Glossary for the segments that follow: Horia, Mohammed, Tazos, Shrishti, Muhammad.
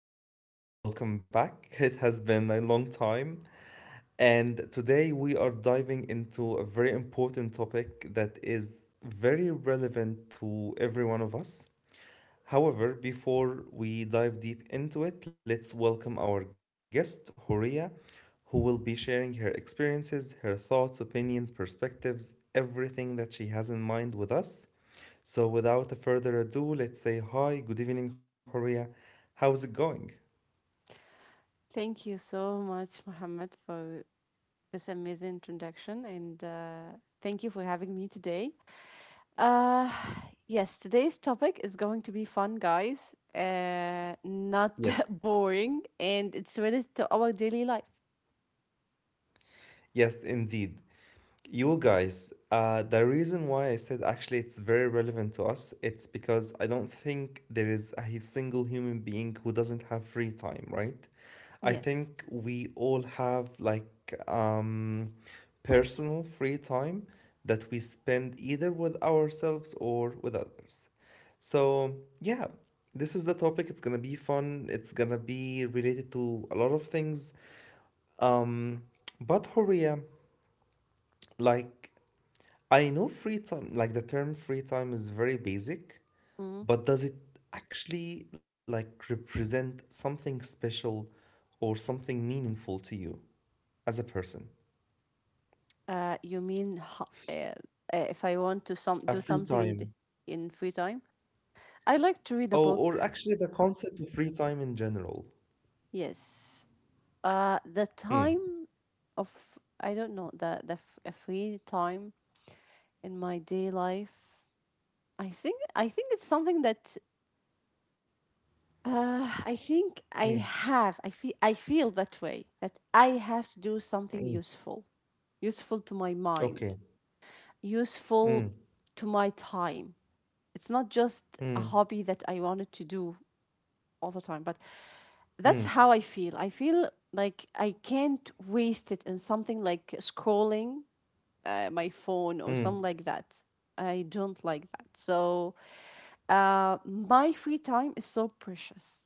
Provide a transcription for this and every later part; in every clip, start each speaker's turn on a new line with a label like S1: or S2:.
S1: Muhammad. Welcome back. It has been a long time. And today we are diving into a very important topic that is very relevant to every one of us. However, before we dive deep into it, let's welcome our guest, Horia, who will be sharing her experiences, her thoughts, opinions, perspectives, everything that she has in mind with us. So, without further ado, let's say hi, good evening, Horia. How's it going?
S2: Thank you so much, Mohammed, for this amazing introduction, and thank you for having me today. Uh, yes, today's topic is going to be fun, guys, not
S1: Yes.
S2: boring, and it's related to our daily life.
S1: Yes, indeed. You guys, the reason why I said actually it's very relevant to us, it's because I don't think there is a single human being who doesn't have free time, right? I
S2: Yes.
S1: think we all have like personal free time that we spend either with ourselves or with others. So, yeah, this is the topic. It's gonna be fun. It's gonna be related to a lot of things. Um, but Horia, like I know free time, like the term free time is very basic,
S2: Mhm.
S1: but does it actually like represent something special or something meaningful to you as a person?
S2: You mean if I want to some
S1: A
S2: do
S1: free
S2: something
S1: time.
S2: in free time, I like to read a
S1: Oh, or
S2: book.
S1: actually the concept of free time in general.
S2: Yes. The
S1: Mm,
S2: time of, I don't know, a free time in my day life. I think it's something that I think
S1: mm,
S2: I have. I feel that way that I have to do something
S1: mm.
S2: useful, useful to my mind,
S1: Okay.
S2: useful
S1: Mm,
S2: to my time. It's not just a
S1: mm,
S2: hobby that I wanted to do all the time, but
S1: mm,
S2: that's how I feel. I feel like I can't waste it in something like scrolling my phone or something
S1: mm.
S2: like that. I don't like that. So, my free time is so precious.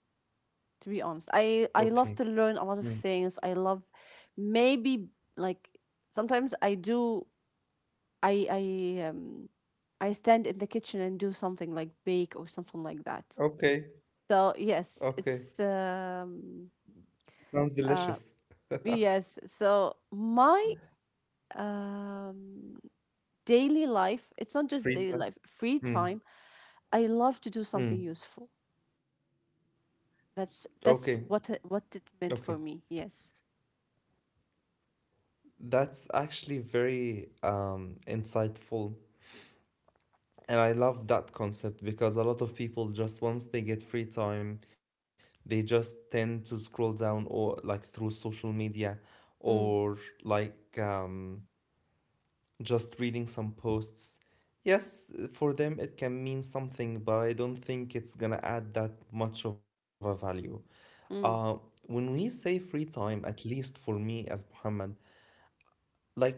S2: To be honest, I love to
S1: Okay.
S2: learn a lot of things.
S1: Mm.
S2: I love maybe, like, sometimes I do. I I um I stand in the kitchen and do something like bake or something like that.
S1: Okay.
S2: So yes, it's
S1: Okay. Sounds
S2: uh
S1: delicious.
S2: yes. So my um daily life, it's not just daily life,
S1: Free
S2: free
S1: time.
S2: time,
S1: Mm,
S2: I love to do something useful.
S1: mm.
S2: That's
S1: Okay.
S2: what it meant for
S1: Okay.
S2: me. Yes.
S1: That's actually very insightful. And I love that concept because a lot of people, just once they get free time, they just tend to scroll down or like through social media,
S2: Mm.
S1: or like just reading some posts. Yes, for them it can mean something, but I don't think it's gonna add that much of a value. Uh,
S2: Mm.
S1: when we say free time, at least for me as Muhammad, like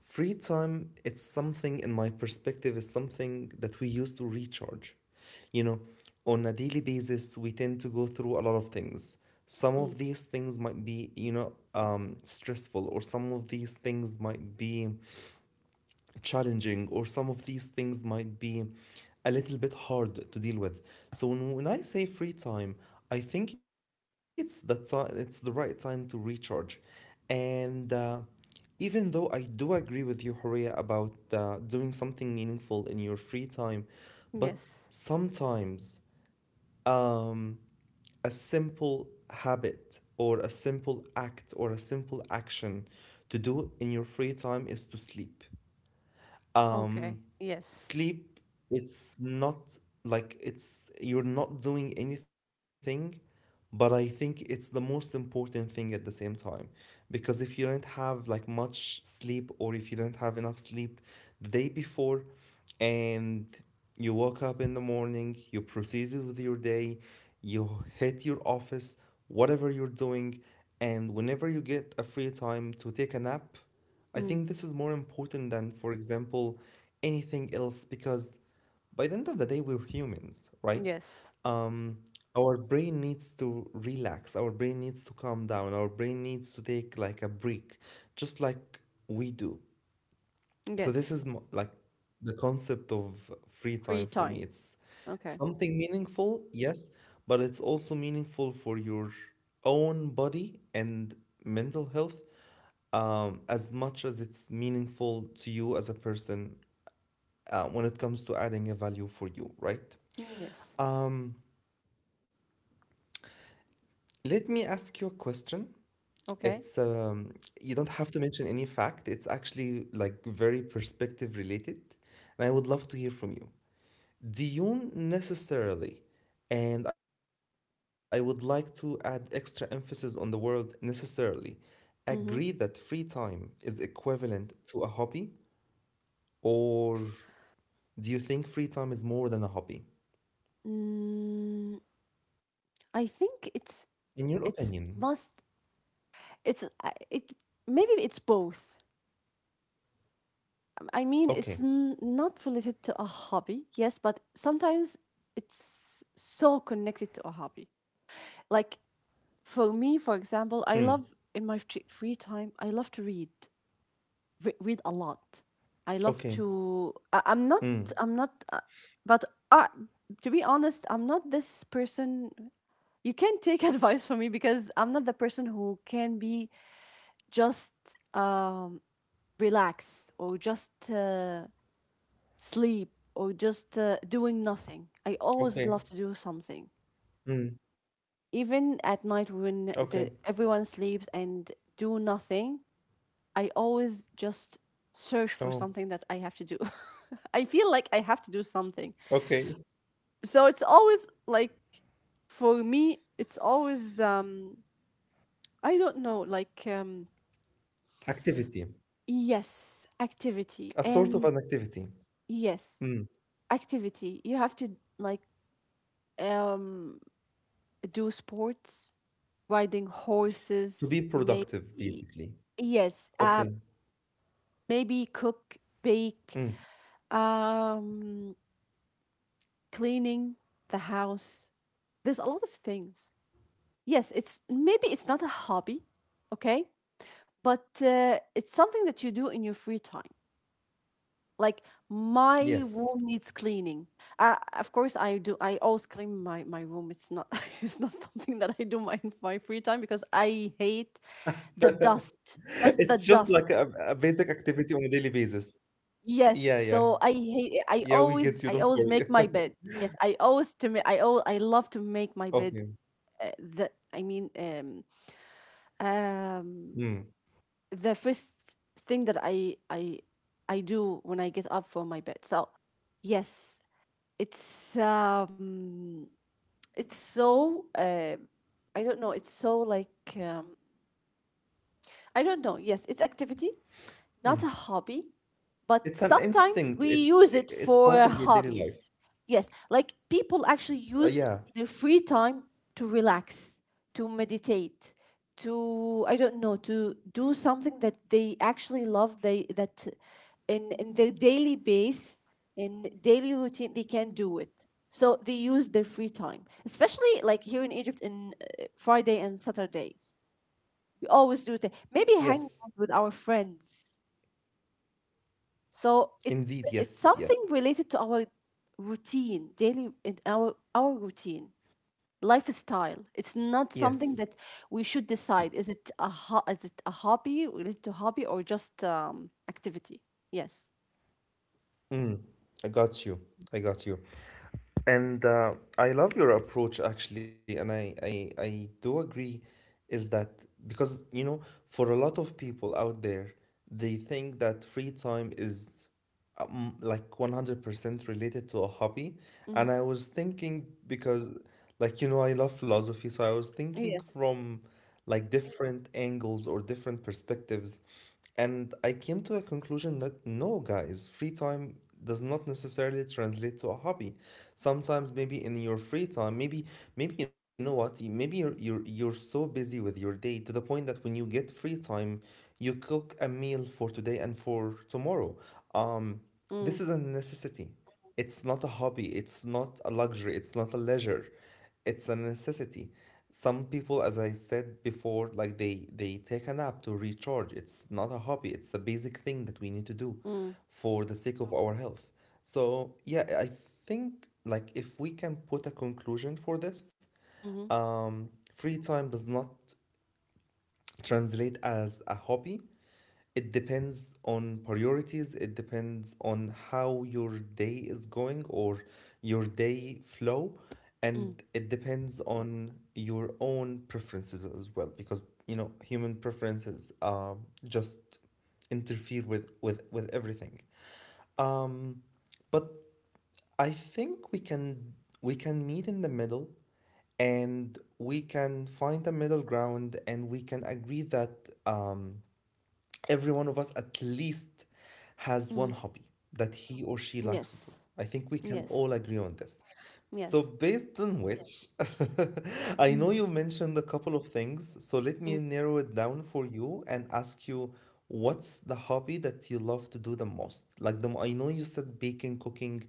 S1: free time, it's something in my perspective. Is something that we use to recharge. You know, on a daily basis, we tend to go through a lot of things. Some
S2: Mm.
S1: of these things might be, you know, stressful, or some of these things might be challenging, or some of these things might be a little bit hard to deal with. So when I say free time, I think it's the time, it's the right time to recharge. And even though I do agree with you, Horea, about doing something meaningful in your free time, but
S2: Yes.
S1: sometimes um, a simple habit or a simple act or a simple action to do in your free time is to sleep.
S2: Okay.
S1: Um,
S2: Yes.
S1: Sleep, it's not like it's you're not doing anything, but I think it's the most important thing at the same time. Because if you don't have like much sleep, or if you don't have enough sleep the day before, and you woke up in the morning, you proceeded with your day, you hit your office, whatever you're doing, and whenever you get a free time to take a nap, I
S2: Mm.
S1: think this is more important than, for example, anything else, because by the end of the day, we're humans, right?
S2: Yes.
S1: Um, our brain needs to relax, our brain needs to calm down, our brain needs to take like a break, just like we do. So this
S2: Yes.
S1: is like the concept of free
S2: Free
S1: time for me.
S2: time.
S1: It's
S2: Okay.
S1: something meaningful, yes, but it's also meaningful for your own body and mental health, as much as it's meaningful to you as a person, when it comes to adding a value for you, right?
S2: Mm. Yes.
S1: um, Let me ask you a question.
S2: Okay.
S1: It's you don't have to mention any fact, it's actually like very perspective related, and I would love to hear from you. Diyun necessarily, and I would like to add extra emphasis on the word necessarily, agree that free
S2: Mm-hmm.
S1: time is equivalent to a hobby, or do you think free time is more than a hobby?
S2: Mm.
S1: In
S2: I
S1: your
S2: think
S1: opinion.
S2: it's must it's I- it Maybe it's both. I
S1: Okay.
S2: mean, it's n- not related to a hobby, yes, but sometimes it's so connected to a hobby. Like, for me,
S1: Mm.
S2: for example, I love in my free time, I love to read, re- read a lot. I
S1: Okay.
S2: love to. I- I'm not.
S1: Mm.
S2: I'm not. But uh, to be honest, I'm not this person. You can take advice from me because I'm not the person who can be just um relaxed or just. Sleep or just doing nothing. I always
S1: Okay.
S2: love to do something.
S1: Mm.
S2: Even at
S1: Okay.
S2: night when the everyone sleeps and do nothing, I always just search
S1: Oh.
S2: for something that I have to do. I feel like I have to do something.
S1: Okay.
S2: So it's always like for me it's always I don't know, like,
S1: Activity.
S2: yes, activity
S1: A
S2: and
S1: sort of an activity.
S2: yes,
S1: Mm.
S2: activity. You have to, like, um do sports, riding
S1: To
S2: horses,
S1: be
S2: maybe,
S1: productive, basically.
S2: yes,
S1: Okay.
S2: maybe cook, bake,
S1: Mm.
S2: um, cleaning the house. There's a lot of things. Yes, it's maybe it's not a hobby, okay, but it's something that you do in your free time. Like, my room needs cleaning.
S1: Yes.
S2: Of course, I do. I always clean my room. It's not it's not something that I do my my free time because I hate the dust. Just the
S1: It's just
S2: dust.
S1: like a basic activity on a daily basis.
S2: Yes,
S1: Yeah,
S2: so
S1: yeah.
S2: I hate I
S1: Yeah,
S2: always
S1: we
S2: I
S1: get
S2: always
S1: you. Don't
S2: make my
S1: worry.
S2: bed. Yes, I love to make my bed.
S1: Okay.
S2: Uh, the I mean um
S1: Mm.
S2: um the first thing that I do when I get up from my bed. So yes, it's um it's so I don't know, it's so like um I don't know. Yes, it's activity,
S1: Mm.
S2: not a hobby.
S1: It's
S2: But
S1: an instinct.
S2: sometimes we
S1: It's i-
S2: use it
S1: it's part of your
S2: for
S1: daily life.
S2: hobbies. Yes, like, people actually use
S1: Yeah.
S2: their free time to relax, to meditate, to,
S1: Mm.
S2: I don't know, to do
S1: Mm.
S2: something that they actually love. They that in their daily base, in daily routine, they can do
S1: Yeah.
S2: it. So they use their free time, especially like here in Egypt, in Friday and Saturdays. We always do that. Maybe hang out
S1: Yes.
S2: with our friends so it's
S1: Indeed.
S2: something
S1: Yes.
S2: related
S1: Yes.
S2: to our routine, daily in our routine, lifestyle. It's not
S1: Yes.
S2: something that we should decide. Is it a ho- is it a hobby related to hobby or just activity? Yes.
S1: Mm, I got you. I got you. And I love your approach actually, and I do agree, is that, because, you know, for a lot of people out there, they think that free time is like 100% related to a hobby.
S2: Mm.
S1: And I was thinking, because, like, you know, I love philosophy, so I was thinking
S2: Yeah.
S1: from like different angles or different perspectives, and I came to a conclusion that no, guys, free time does not necessarily translate to a hobby. Sometimes maybe in your free time, maybe you know what, maybe you're so busy with your day to the point that when you get free time, you cook a meal for today and for tomorrow. Um,
S2: Mm.
S1: this is a necessity. It's not a hobby, it's not a luxury, it's not a leisure. It's a necessity. Some people, as I said before, like they take a nap to recharge. It's not a hobby. It's a basic thing that we need to do
S2: Mm.
S1: for the sake of our health. So yeah, I think, like, if we can put a conclusion for this,
S2: Mm.
S1: free time does not translate as a hobby. It depends on priorities. It depends on how your day is going, or your day flow.
S2: Mm.
S1: And it depends on your own preferences as well, because, you know, human preferences just interfere with, everything. Um, but I think we can meet in the middle, and we can find a middle ground, and we can agree that um, every one of us at least has
S2: Mm.
S1: one hobby that he or she likes to do.
S2: Yes.
S1: I think we can
S2: Yes.
S1: all agree on this. So,
S2: Yes.
S1: based on which, I
S2: Mm.
S1: know you mentioned a couple of things. So, let
S2: Mm.
S1: me narrow it down for you and ask you, what's the hobby that you love to do the most? Like, I know you said baking, cooking,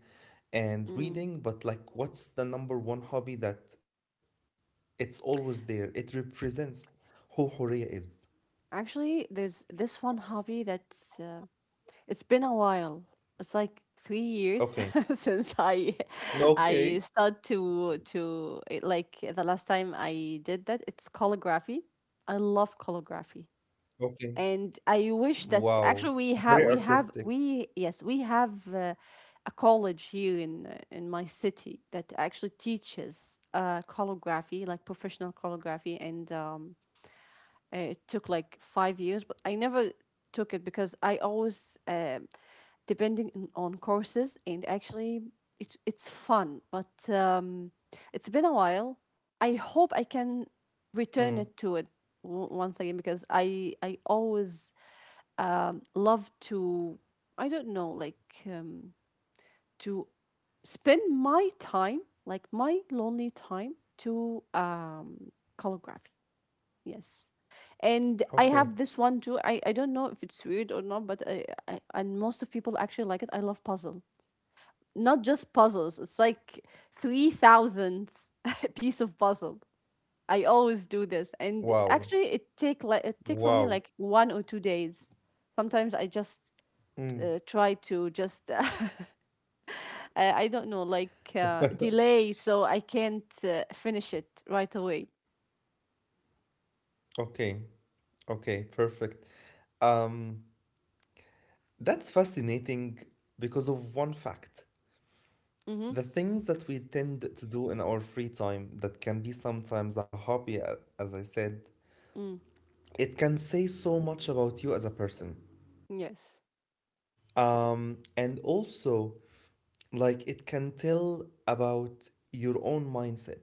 S1: and
S2: Mm.
S1: reading, but like, what's the number one hobby that it's always there? It represents who Horea is.
S2: Actually, there's this one hobby that it's been a while. It's like 3 years
S1: Okay.
S2: since I
S1: Okay.
S2: start to it- like the last time I did that. It's calligraphy. I love calligraphy,
S1: Okay.
S2: and I wish that
S1: Wow.
S2: actually we have
S1: Very
S2: we have
S1: artistic.
S2: we yes, we have a college here in my city that actually teaches calligraphy, like professional calligraphy, and it took like 5 years, but I never took it because I always. Depending on- courses and actually it it's fun but it's been a while. I hope I can
S1: Mm.
S2: return it to it once again because I always love to, I don't know, like, um, to spend my time, like my lonely time, to calligraphy. Yes. And I have
S1: Okay.
S2: this one too. I don't know if it's weird or not, but I and most of people actually like it. I love puzzle, not just puzzles. It's like three thousandth piece of puzzle. I always do this, and
S1: Wow.
S2: actually, it take for me
S1: Wow.
S2: like 1 or 2 days. Sometimes I just
S1: Mm.
S2: try to just I don't know, like, delay so I can't finish it right away.
S1: Okay. Okay. Perfect. Um, that's fascinating because of one fact.
S2: Mm-hmm.
S1: The things that we tend to do in our free time that can be sometimes a hobby, as I said,
S2: Mm.
S1: it can say so much about you as a person.
S2: Yes.
S1: And also, like, it can tell about your own mindset.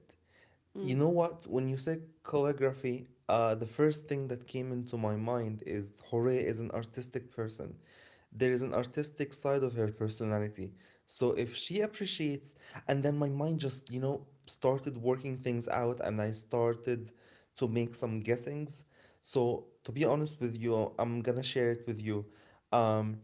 S2: Mm.
S1: You know what? When you say calligraphy, the first thing that came into my mind is Hore is an artistic person. There is an artistic side of her personality. So if she appreciates, and then my mind just, you know, started working things out, and I started to make some guessings. So to be honest with you, I'm gonna share it with you. Um,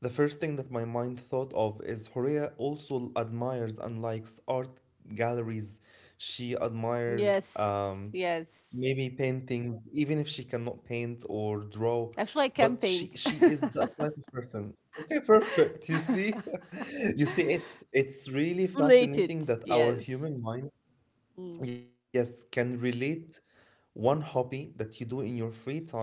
S1: the first thing that my mind thought of is Horea also admires and likes art galleries. She admires
S2: Yes. Yes.
S1: maybe paintings, even if she cannot paint or draw,
S2: Actually, I can
S1: but she
S2: paint.
S1: she is that type of person. Okay, perfect. You see, you see, it's really
S2: Related.
S1: fascinating that our
S2: Yes.
S1: human mind,
S2: Mm.
S1: yes, can relate one hobby that you do in your free time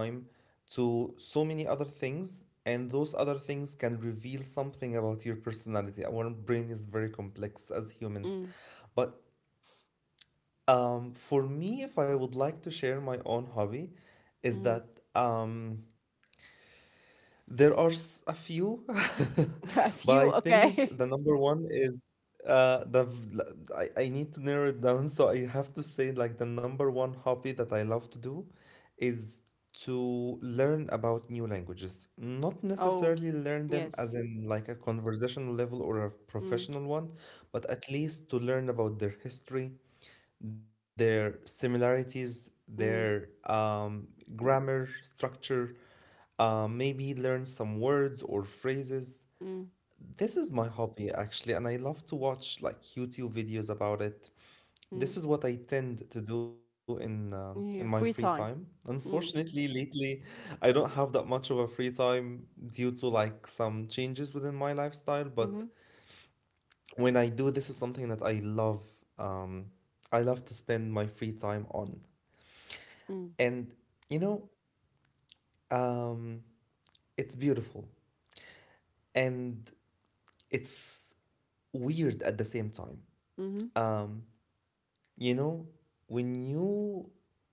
S1: to so many other things, and those other things can reveal something about your personality. Our brain is very complex as humans,
S2: Mm.
S1: but for me, if I would like to share my own hobby, is
S2: Mm.
S1: that um, there are a few,
S2: A
S1: but I
S2: few.
S1: think
S2: Okay.
S1: the number one is the v- l- I need to narrow it down, so I have to say, like, the number one hobby that I love to do is to learn about new languages. Not
S2: Oh,
S1: necessarily learn them as
S2: yes.
S1: in like a conversational level or a
S2: Mm.
S1: professional one, but at least to learn about their history, their similarities, their
S2: Mm.
S1: grammar, structure, maybe learn some words or phrases.
S2: Mm.
S1: This is my hobby actually, and I love to watch like YouTube videos about it.
S2: Mm.
S1: This is what I tend to do in my free
S2: Yeah, free
S1: time.
S2: time. Mm.
S1: Unfortunately, lately, I don't have that much of a free time due to like some changes within my lifestyle. But
S2: Mm-hmm.
S1: when I do, this is something that I love. Um, I love to spend my free time on.
S2: Mm.
S1: And you know, um, it's beautiful, and it's weird at the same time.
S2: Mm-hmm.
S1: Um, you know, when you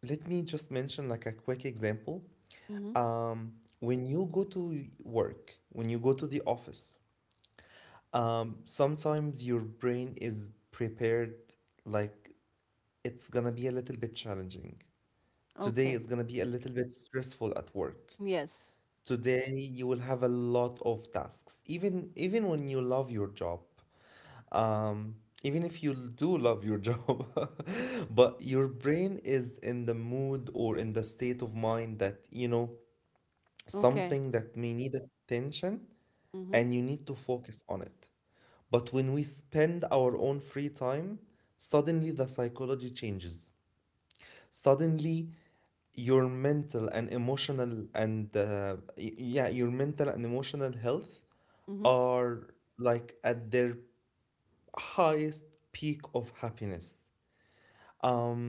S1: let me just mention like a quick example.
S2: Mm-hmm.
S1: Um, when you go to work, when you go to the office, sometimes your brain is prepared, like it's gonna be a little bit challenging. Today
S2: Okay.
S1: is gonna be a little bit stressful at work.
S2: Yes.
S1: Today you will have a lot of tasks. Even when you love your job, um, even if you do love your job, but your brain is in the mood or in the state of mind that,
S2: Okay.
S1: something that may need attention
S2: Mm-hmm.
S1: and you need to focus on it. But when we spend our own free time, suddenly the psychology changes. Suddenly your mental and emotional and yeah, your mental and emotional health
S2: Mm-hmm.
S1: are like at their highest peak of happiness. um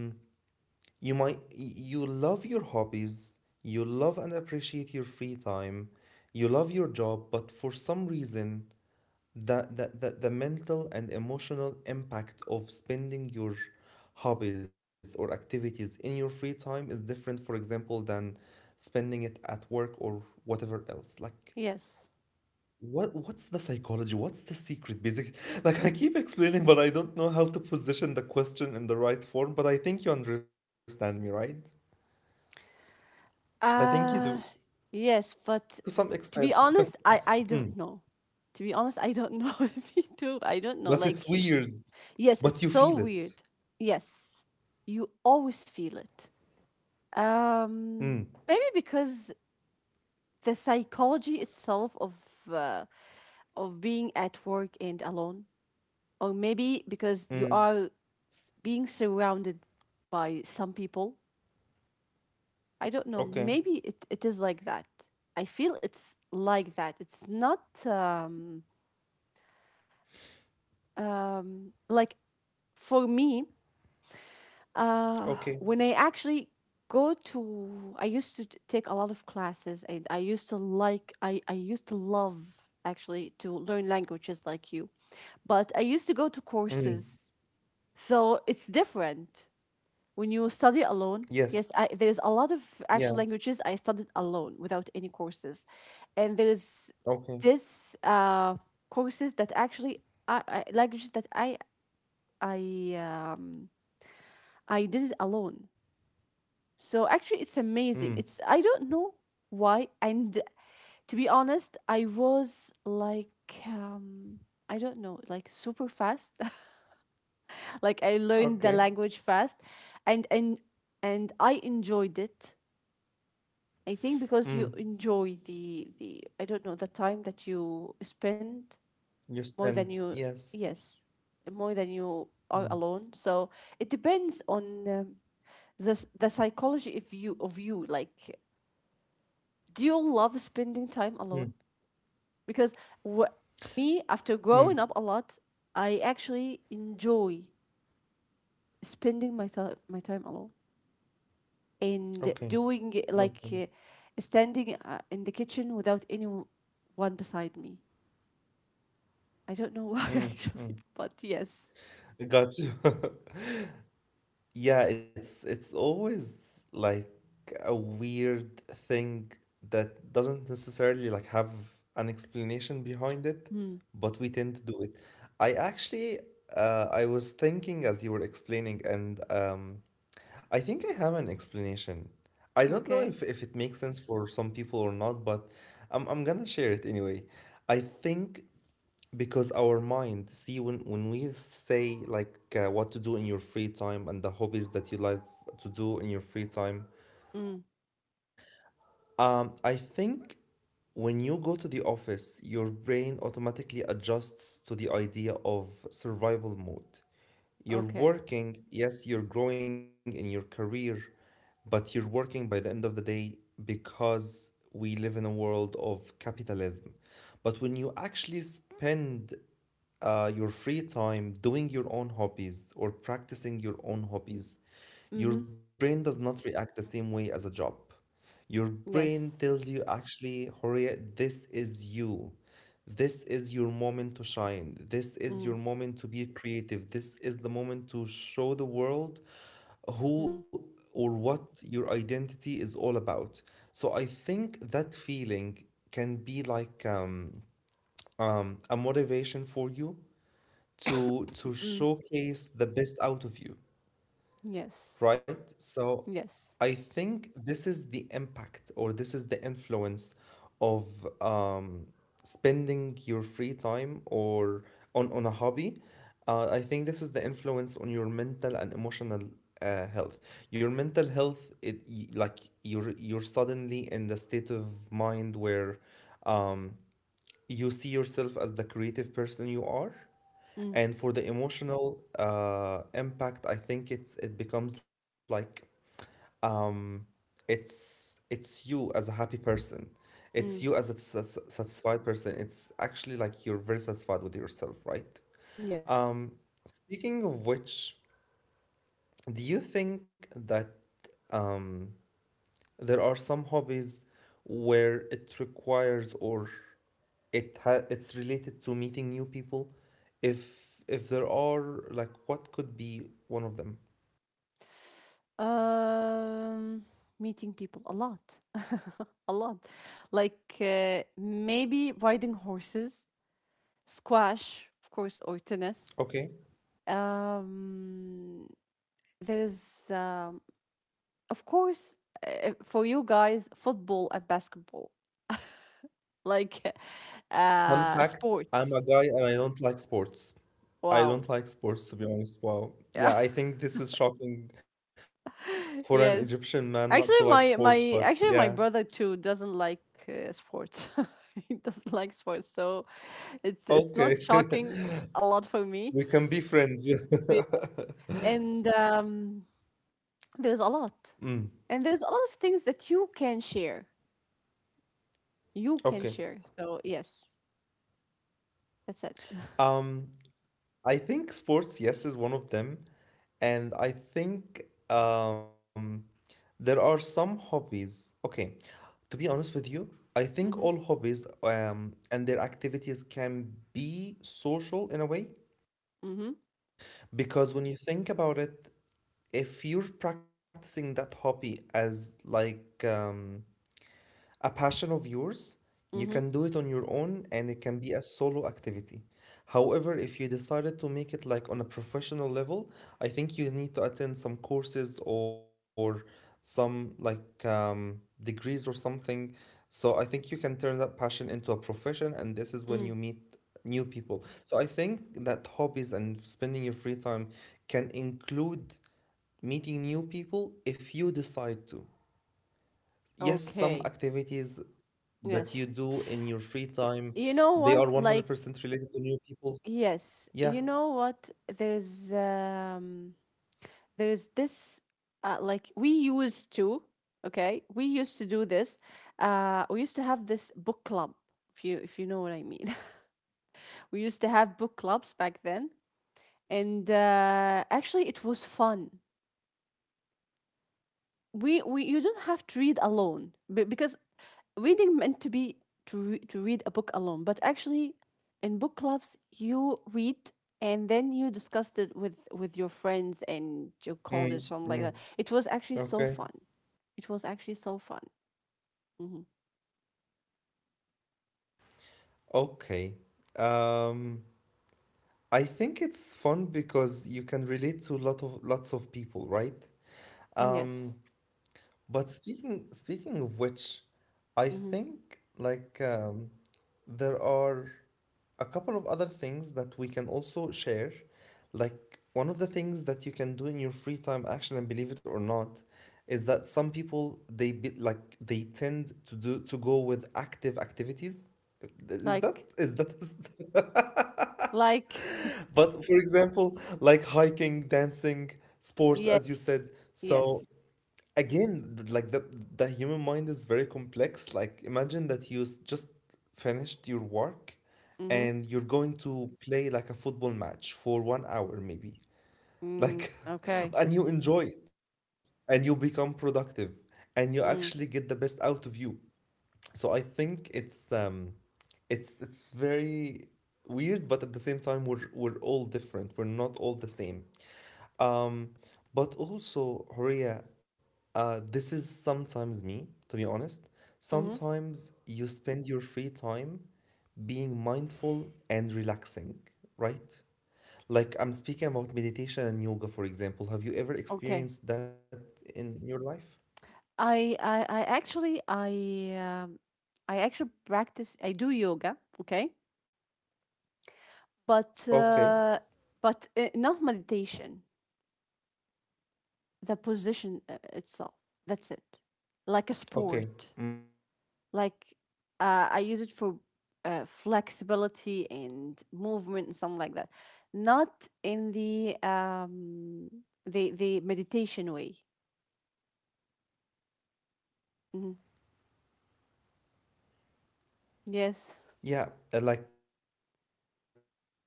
S1: you might, you love your hobbies, you love and appreciate your free time, you love your job, but for some reason the mental and emotional impact of spending your hobbies or activities in your free time is different, for example, than spending it at work or whatever else. Like,
S2: Yes.
S1: what's the psychology? What's the secret? Basic, like I keep explaining, but I don't know how to position the question in the right form. But I think you understand me, right? I think you do
S2: Uh, yes,
S1: to
S2: but
S1: some extent,
S2: to be honest, I don't know. To be honest, I don't know if you do. I don't know.
S1: but
S2: Like,
S1: it's weird.
S2: yes, it's
S1: But you
S2: so
S1: feel
S2: weird.
S1: it.
S2: Yes. You always feel it.
S1: Mm,
S2: Um, Maybe because the psychology itself uh, of being at work and alone, or maybe because you
S1: mm,
S2: are being surrounded by some people. I don't know.
S1: okay,
S2: Maybe it, it is like that. I feel it's like that. It's not like, for me, uh,
S1: okay.
S2: when I actually go to, I used to take a lot of classes and I used to like, I used to love actually to learn languages like you. But I used to go to
S1: Mm,
S2: courses. So it's different when you study alone. Yes,
S1: yes.
S2: I, there's a lot of
S1: Yeah.
S2: actual languages I studied alone without any courses, and there's
S1: Okay.
S2: this courses that actually, I languages that I um I did it alone. So actually, it's
S1: Mm.
S2: amazing. It's, I don't know why, and to be honest, I was like, I don't know, like, super fast. Like, I learned the
S1: Okay.
S2: language fast, and and I enjoyed it. I think because
S1: Mm.
S2: you enjoy the, I don't know, the time that you spend
S1: You
S2: more than
S1: spend.
S2: you,
S1: Yes.
S2: yes, more than you are
S1: Mm.
S2: alone. So it depends on the s- the psychology if you of you like, do you love spending time
S1: Mm.
S2: alone because wh- me after
S1: Mm.
S2: growing up a lot, I actually enjoy spending my time, alone,
S1: Okay.
S2: and doing like,
S1: Okay.
S2: standing in the kitchen without anyone beside me. I don't know why
S1: Mm.
S2: actually,
S1: Mm.
S2: but yes.
S1: Got you. Yeah, it's always like a weird thing that doesn't necessarily like have an explanation behind it,
S2: Mm.
S1: but we tend to do it. I actually I was thinking as you were explaining, and I think I have an explanation. I don't know
S2: Okay.
S1: if it makes sense for some people or not, but I'm gonna share it anyway. I think because our mind see when we say like what to do in your free time and the hobbies that you like to do in your free time.
S2: Mm.
S1: I think when you go to the office your brain automatically adjusts to the idea of survival mode. You're
S2: Okay.
S1: working, yes, you're growing in your career, but you're working by the end of the day because we live in a world of capitalism. But when you actually spend your free time doing your own hobbies or practicing your own hobbies,
S2: Mm-hmm.
S1: your brain does not react the same way as a job. Your brain
S2: Yes.
S1: tells you, actually, Horia, this is you. This is your moment to shine. This is
S2: Mm.
S1: your moment to be creative. This is the moment to show the world
S2: Mm.
S1: who or what your identity is all about. So I think that feeling can be like a motivation for you to
S2: Mm.
S1: showcase the best out of you,
S2: Yes.
S1: right? So
S2: Yes.
S1: I think this is the impact or this is the influence of um, spending your free time or on a hobby. I think this is the influence on your mental and emotional health. Your mental health, it like you're suddenly in the state of mind where um, you see yourself as the creative person you are.
S2: Mm.
S1: And for the emotional impact, I think it's it becomes like um, it's you as a happy person, it's you as
S2: Mm.
S1: a satisfied person, it's actually like you're very satisfied with yourself, right?
S2: Yes.
S1: um, Speaking of which, do you think that um, there are some hobbies where it requires or it it's related to meeting new people? If there are, like, what could be one of them?
S2: Um, Meeting people a lot, a lot. Like, maybe riding horses, squash, of course, or tennis.
S1: Okay.
S2: Um, There's, of course, for you guys, football and basketball, like,
S1: Fun fact, I'm a
S2: sports.
S1: guy and I don't like sports. I
S2: Wow.
S1: don't like sports, to be honest. Wow.
S2: Yeah.
S1: Yeah, I think this is shocking for an Egyptian man
S2: Yes.
S1: not to like
S2: Actually,
S1: sports, but
S2: my
S1: yeah.
S2: actually my brother too doesn't like sports. He doesn't like sports, so it's not
S1: Okay.
S2: shocking a lot for me.
S1: We can be friends. Yeah.
S2: Yeah. And there's a lot,
S1: Mm,
S2: and there's a lot of things that you can share. You can
S1: okay.
S2: share. So yes, that's it.
S1: um I think sports, yes, is one of them. And I think um, there are some hobbies. Okay, to be honest with you, I think all
S2: Mhm.
S1: hobbies and their activities can be social in a way.
S2: Mm-hmm.
S1: Because when you think about it, if you're practicing that hobby as like a passion of yours, you
S2: Mm-hmm.
S1: can do it on your own and it can be a solo activity. However, if you decided to make it like on a professional level, I think you need to attend some courses or some like degrees or something. So I think you can turn that passion into a profession, and this is when you
S2: Mm.
S1: meet new people. So I think that hobbies and spending your free time can include meeting new people if you decide to. Yes, some
S2: Okay.
S1: activities that you
S2: Yes.
S1: do in your free time,
S2: You know
S1: they
S2: what?
S1: are
S2: Like,
S1: 100% related to new people?
S2: yes.
S1: Yeah.
S2: You know what? There's this like we used to, okay? We used to do this. We used to have this book club, if you know what I mean. We used to have book clubs back then. And actually it was fun. We you don't have to read alone because reading meant to be to to read a book alone, but actually in book clubs you read and then you discussed it with your friends and your college, something
S1: Mm,
S2: like that.
S1: mm,
S2: It was actually
S1: okay.
S2: so fun. It was actually so fun. Hmm.
S1: Okay. Um, I think it's fun because you can relate to lot of lots of people, right?
S2: Yes.
S1: Um, but speaking of which, I
S2: Hmm.
S1: think like there are a couple of other things that we can also share. Like, one of the things that you can do in your free time actually, and believe it or not, is that some people they be, like they tend to do to go with active activities, is that
S2: like like,
S1: but for example like hiking, dancing, sports,
S2: yeah,
S1: as you said. So
S2: yes.
S1: again like the human mind is very complex. Like imagine that you just finished your work
S2: Mm-hmm.
S1: and you're going to play like a football match for one hour maybe,
S2: Mm.
S1: like
S2: Okay.
S1: and you enjoy it and you become productive and you actually get the
S2: Mm.
S1: best out of you. So I think it's very weird, but at the same time we're all different, we're not all the same. um, but also, Horia, this is sometimes me, to be honest.
S2: Mm-hmm.
S1: Sometimes you spend your free time being mindful and relaxing, right? Like I'm speaking about meditation and yoga, for example. Have you ever
S2: Okay.
S1: experienced that in your life?
S2: I I I actually I um, I actually practice. I do yoga, okay, but
S1: Okay,
S2: not meditation. The position itself. That's it. Like a sport.
S1: okay,
S2: Like,
S1: mm,
S2: I use it for flexibility
S1: okay,
S2: and
S1: got you.
S2: movement and something like that.
S1: So,
S2: Not in
S1: yoga,
S2: the
S1: how does it feel to do yoga?
S2: meditation
S1: Because I
S2: way.
S1: actually never experienced that.
S2: Mhm. Yes.
S1: Yeah, like how do you feel about yoga?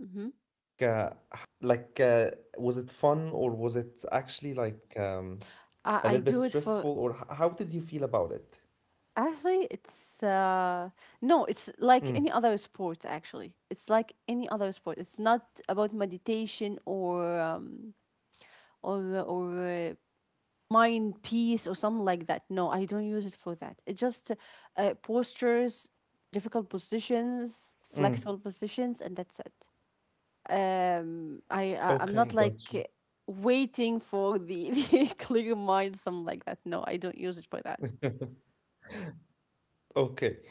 S2: Hmm.
S1: Like, was it fun or was it actually like a little bit stressful or
S2: I do
S1: how
S2: it
S1: did you
S2: for,
S1: feel about it?
S2: actually, it's no,
S1: Mm,
S2: it's like any other sport actually. It's like any other sport. It's not about meditation or or uh, or uh, mind peace or something like that. No, I don't use it for that. It just postures, difficult positions, flexible positions, and that's it. I'm not
S1: okay,
S2: like
S1: gotcha.
S2: waiting for the, the clear mind, something like that. No, I don't use it for that.
S1: Okay,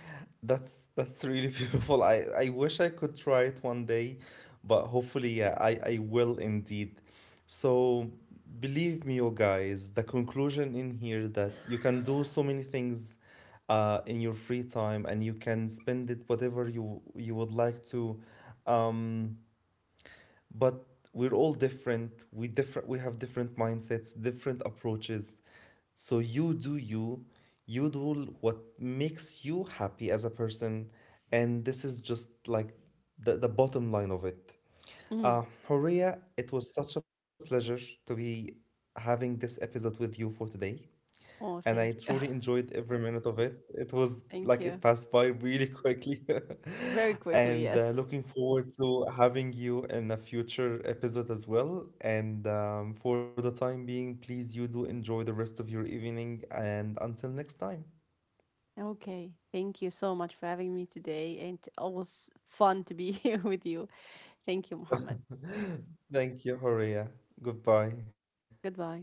S1: that's really beautiful. I wish I could try it one day, but hopefully, yeah, I will indeed. So believe me, you guys, the conclusion in here that you can do so many things in your free time and you can spend it whatever you you would like to. um but we're all different, we different, we have different mindsets, different approaches. So you do you, you do what makes you happy as a person, and this is just like the bottom line of it.
S2: Mm.
S1: Horia, it was such a pleasure to be having this episode with you for today,
S2: Oh,
S1: and I
S2: thank you.
S1: truly enjoyed every minute of it. It was
S2: Thank
S1: like it
S2: you.
S1: passed by really quickly.
S2: Very quickly,
S1: And
S2: yes.
S1: looking forward to having you in a future episode as well. And for the time being, please you do enjoy the rest of your evening. And until next time,
S2: Okay. Thank you so much for having me today. And always fun to be here with you. Thank you, Mohammed.
S1: thank you, Horia. Goodbye.
S2: Goodbye.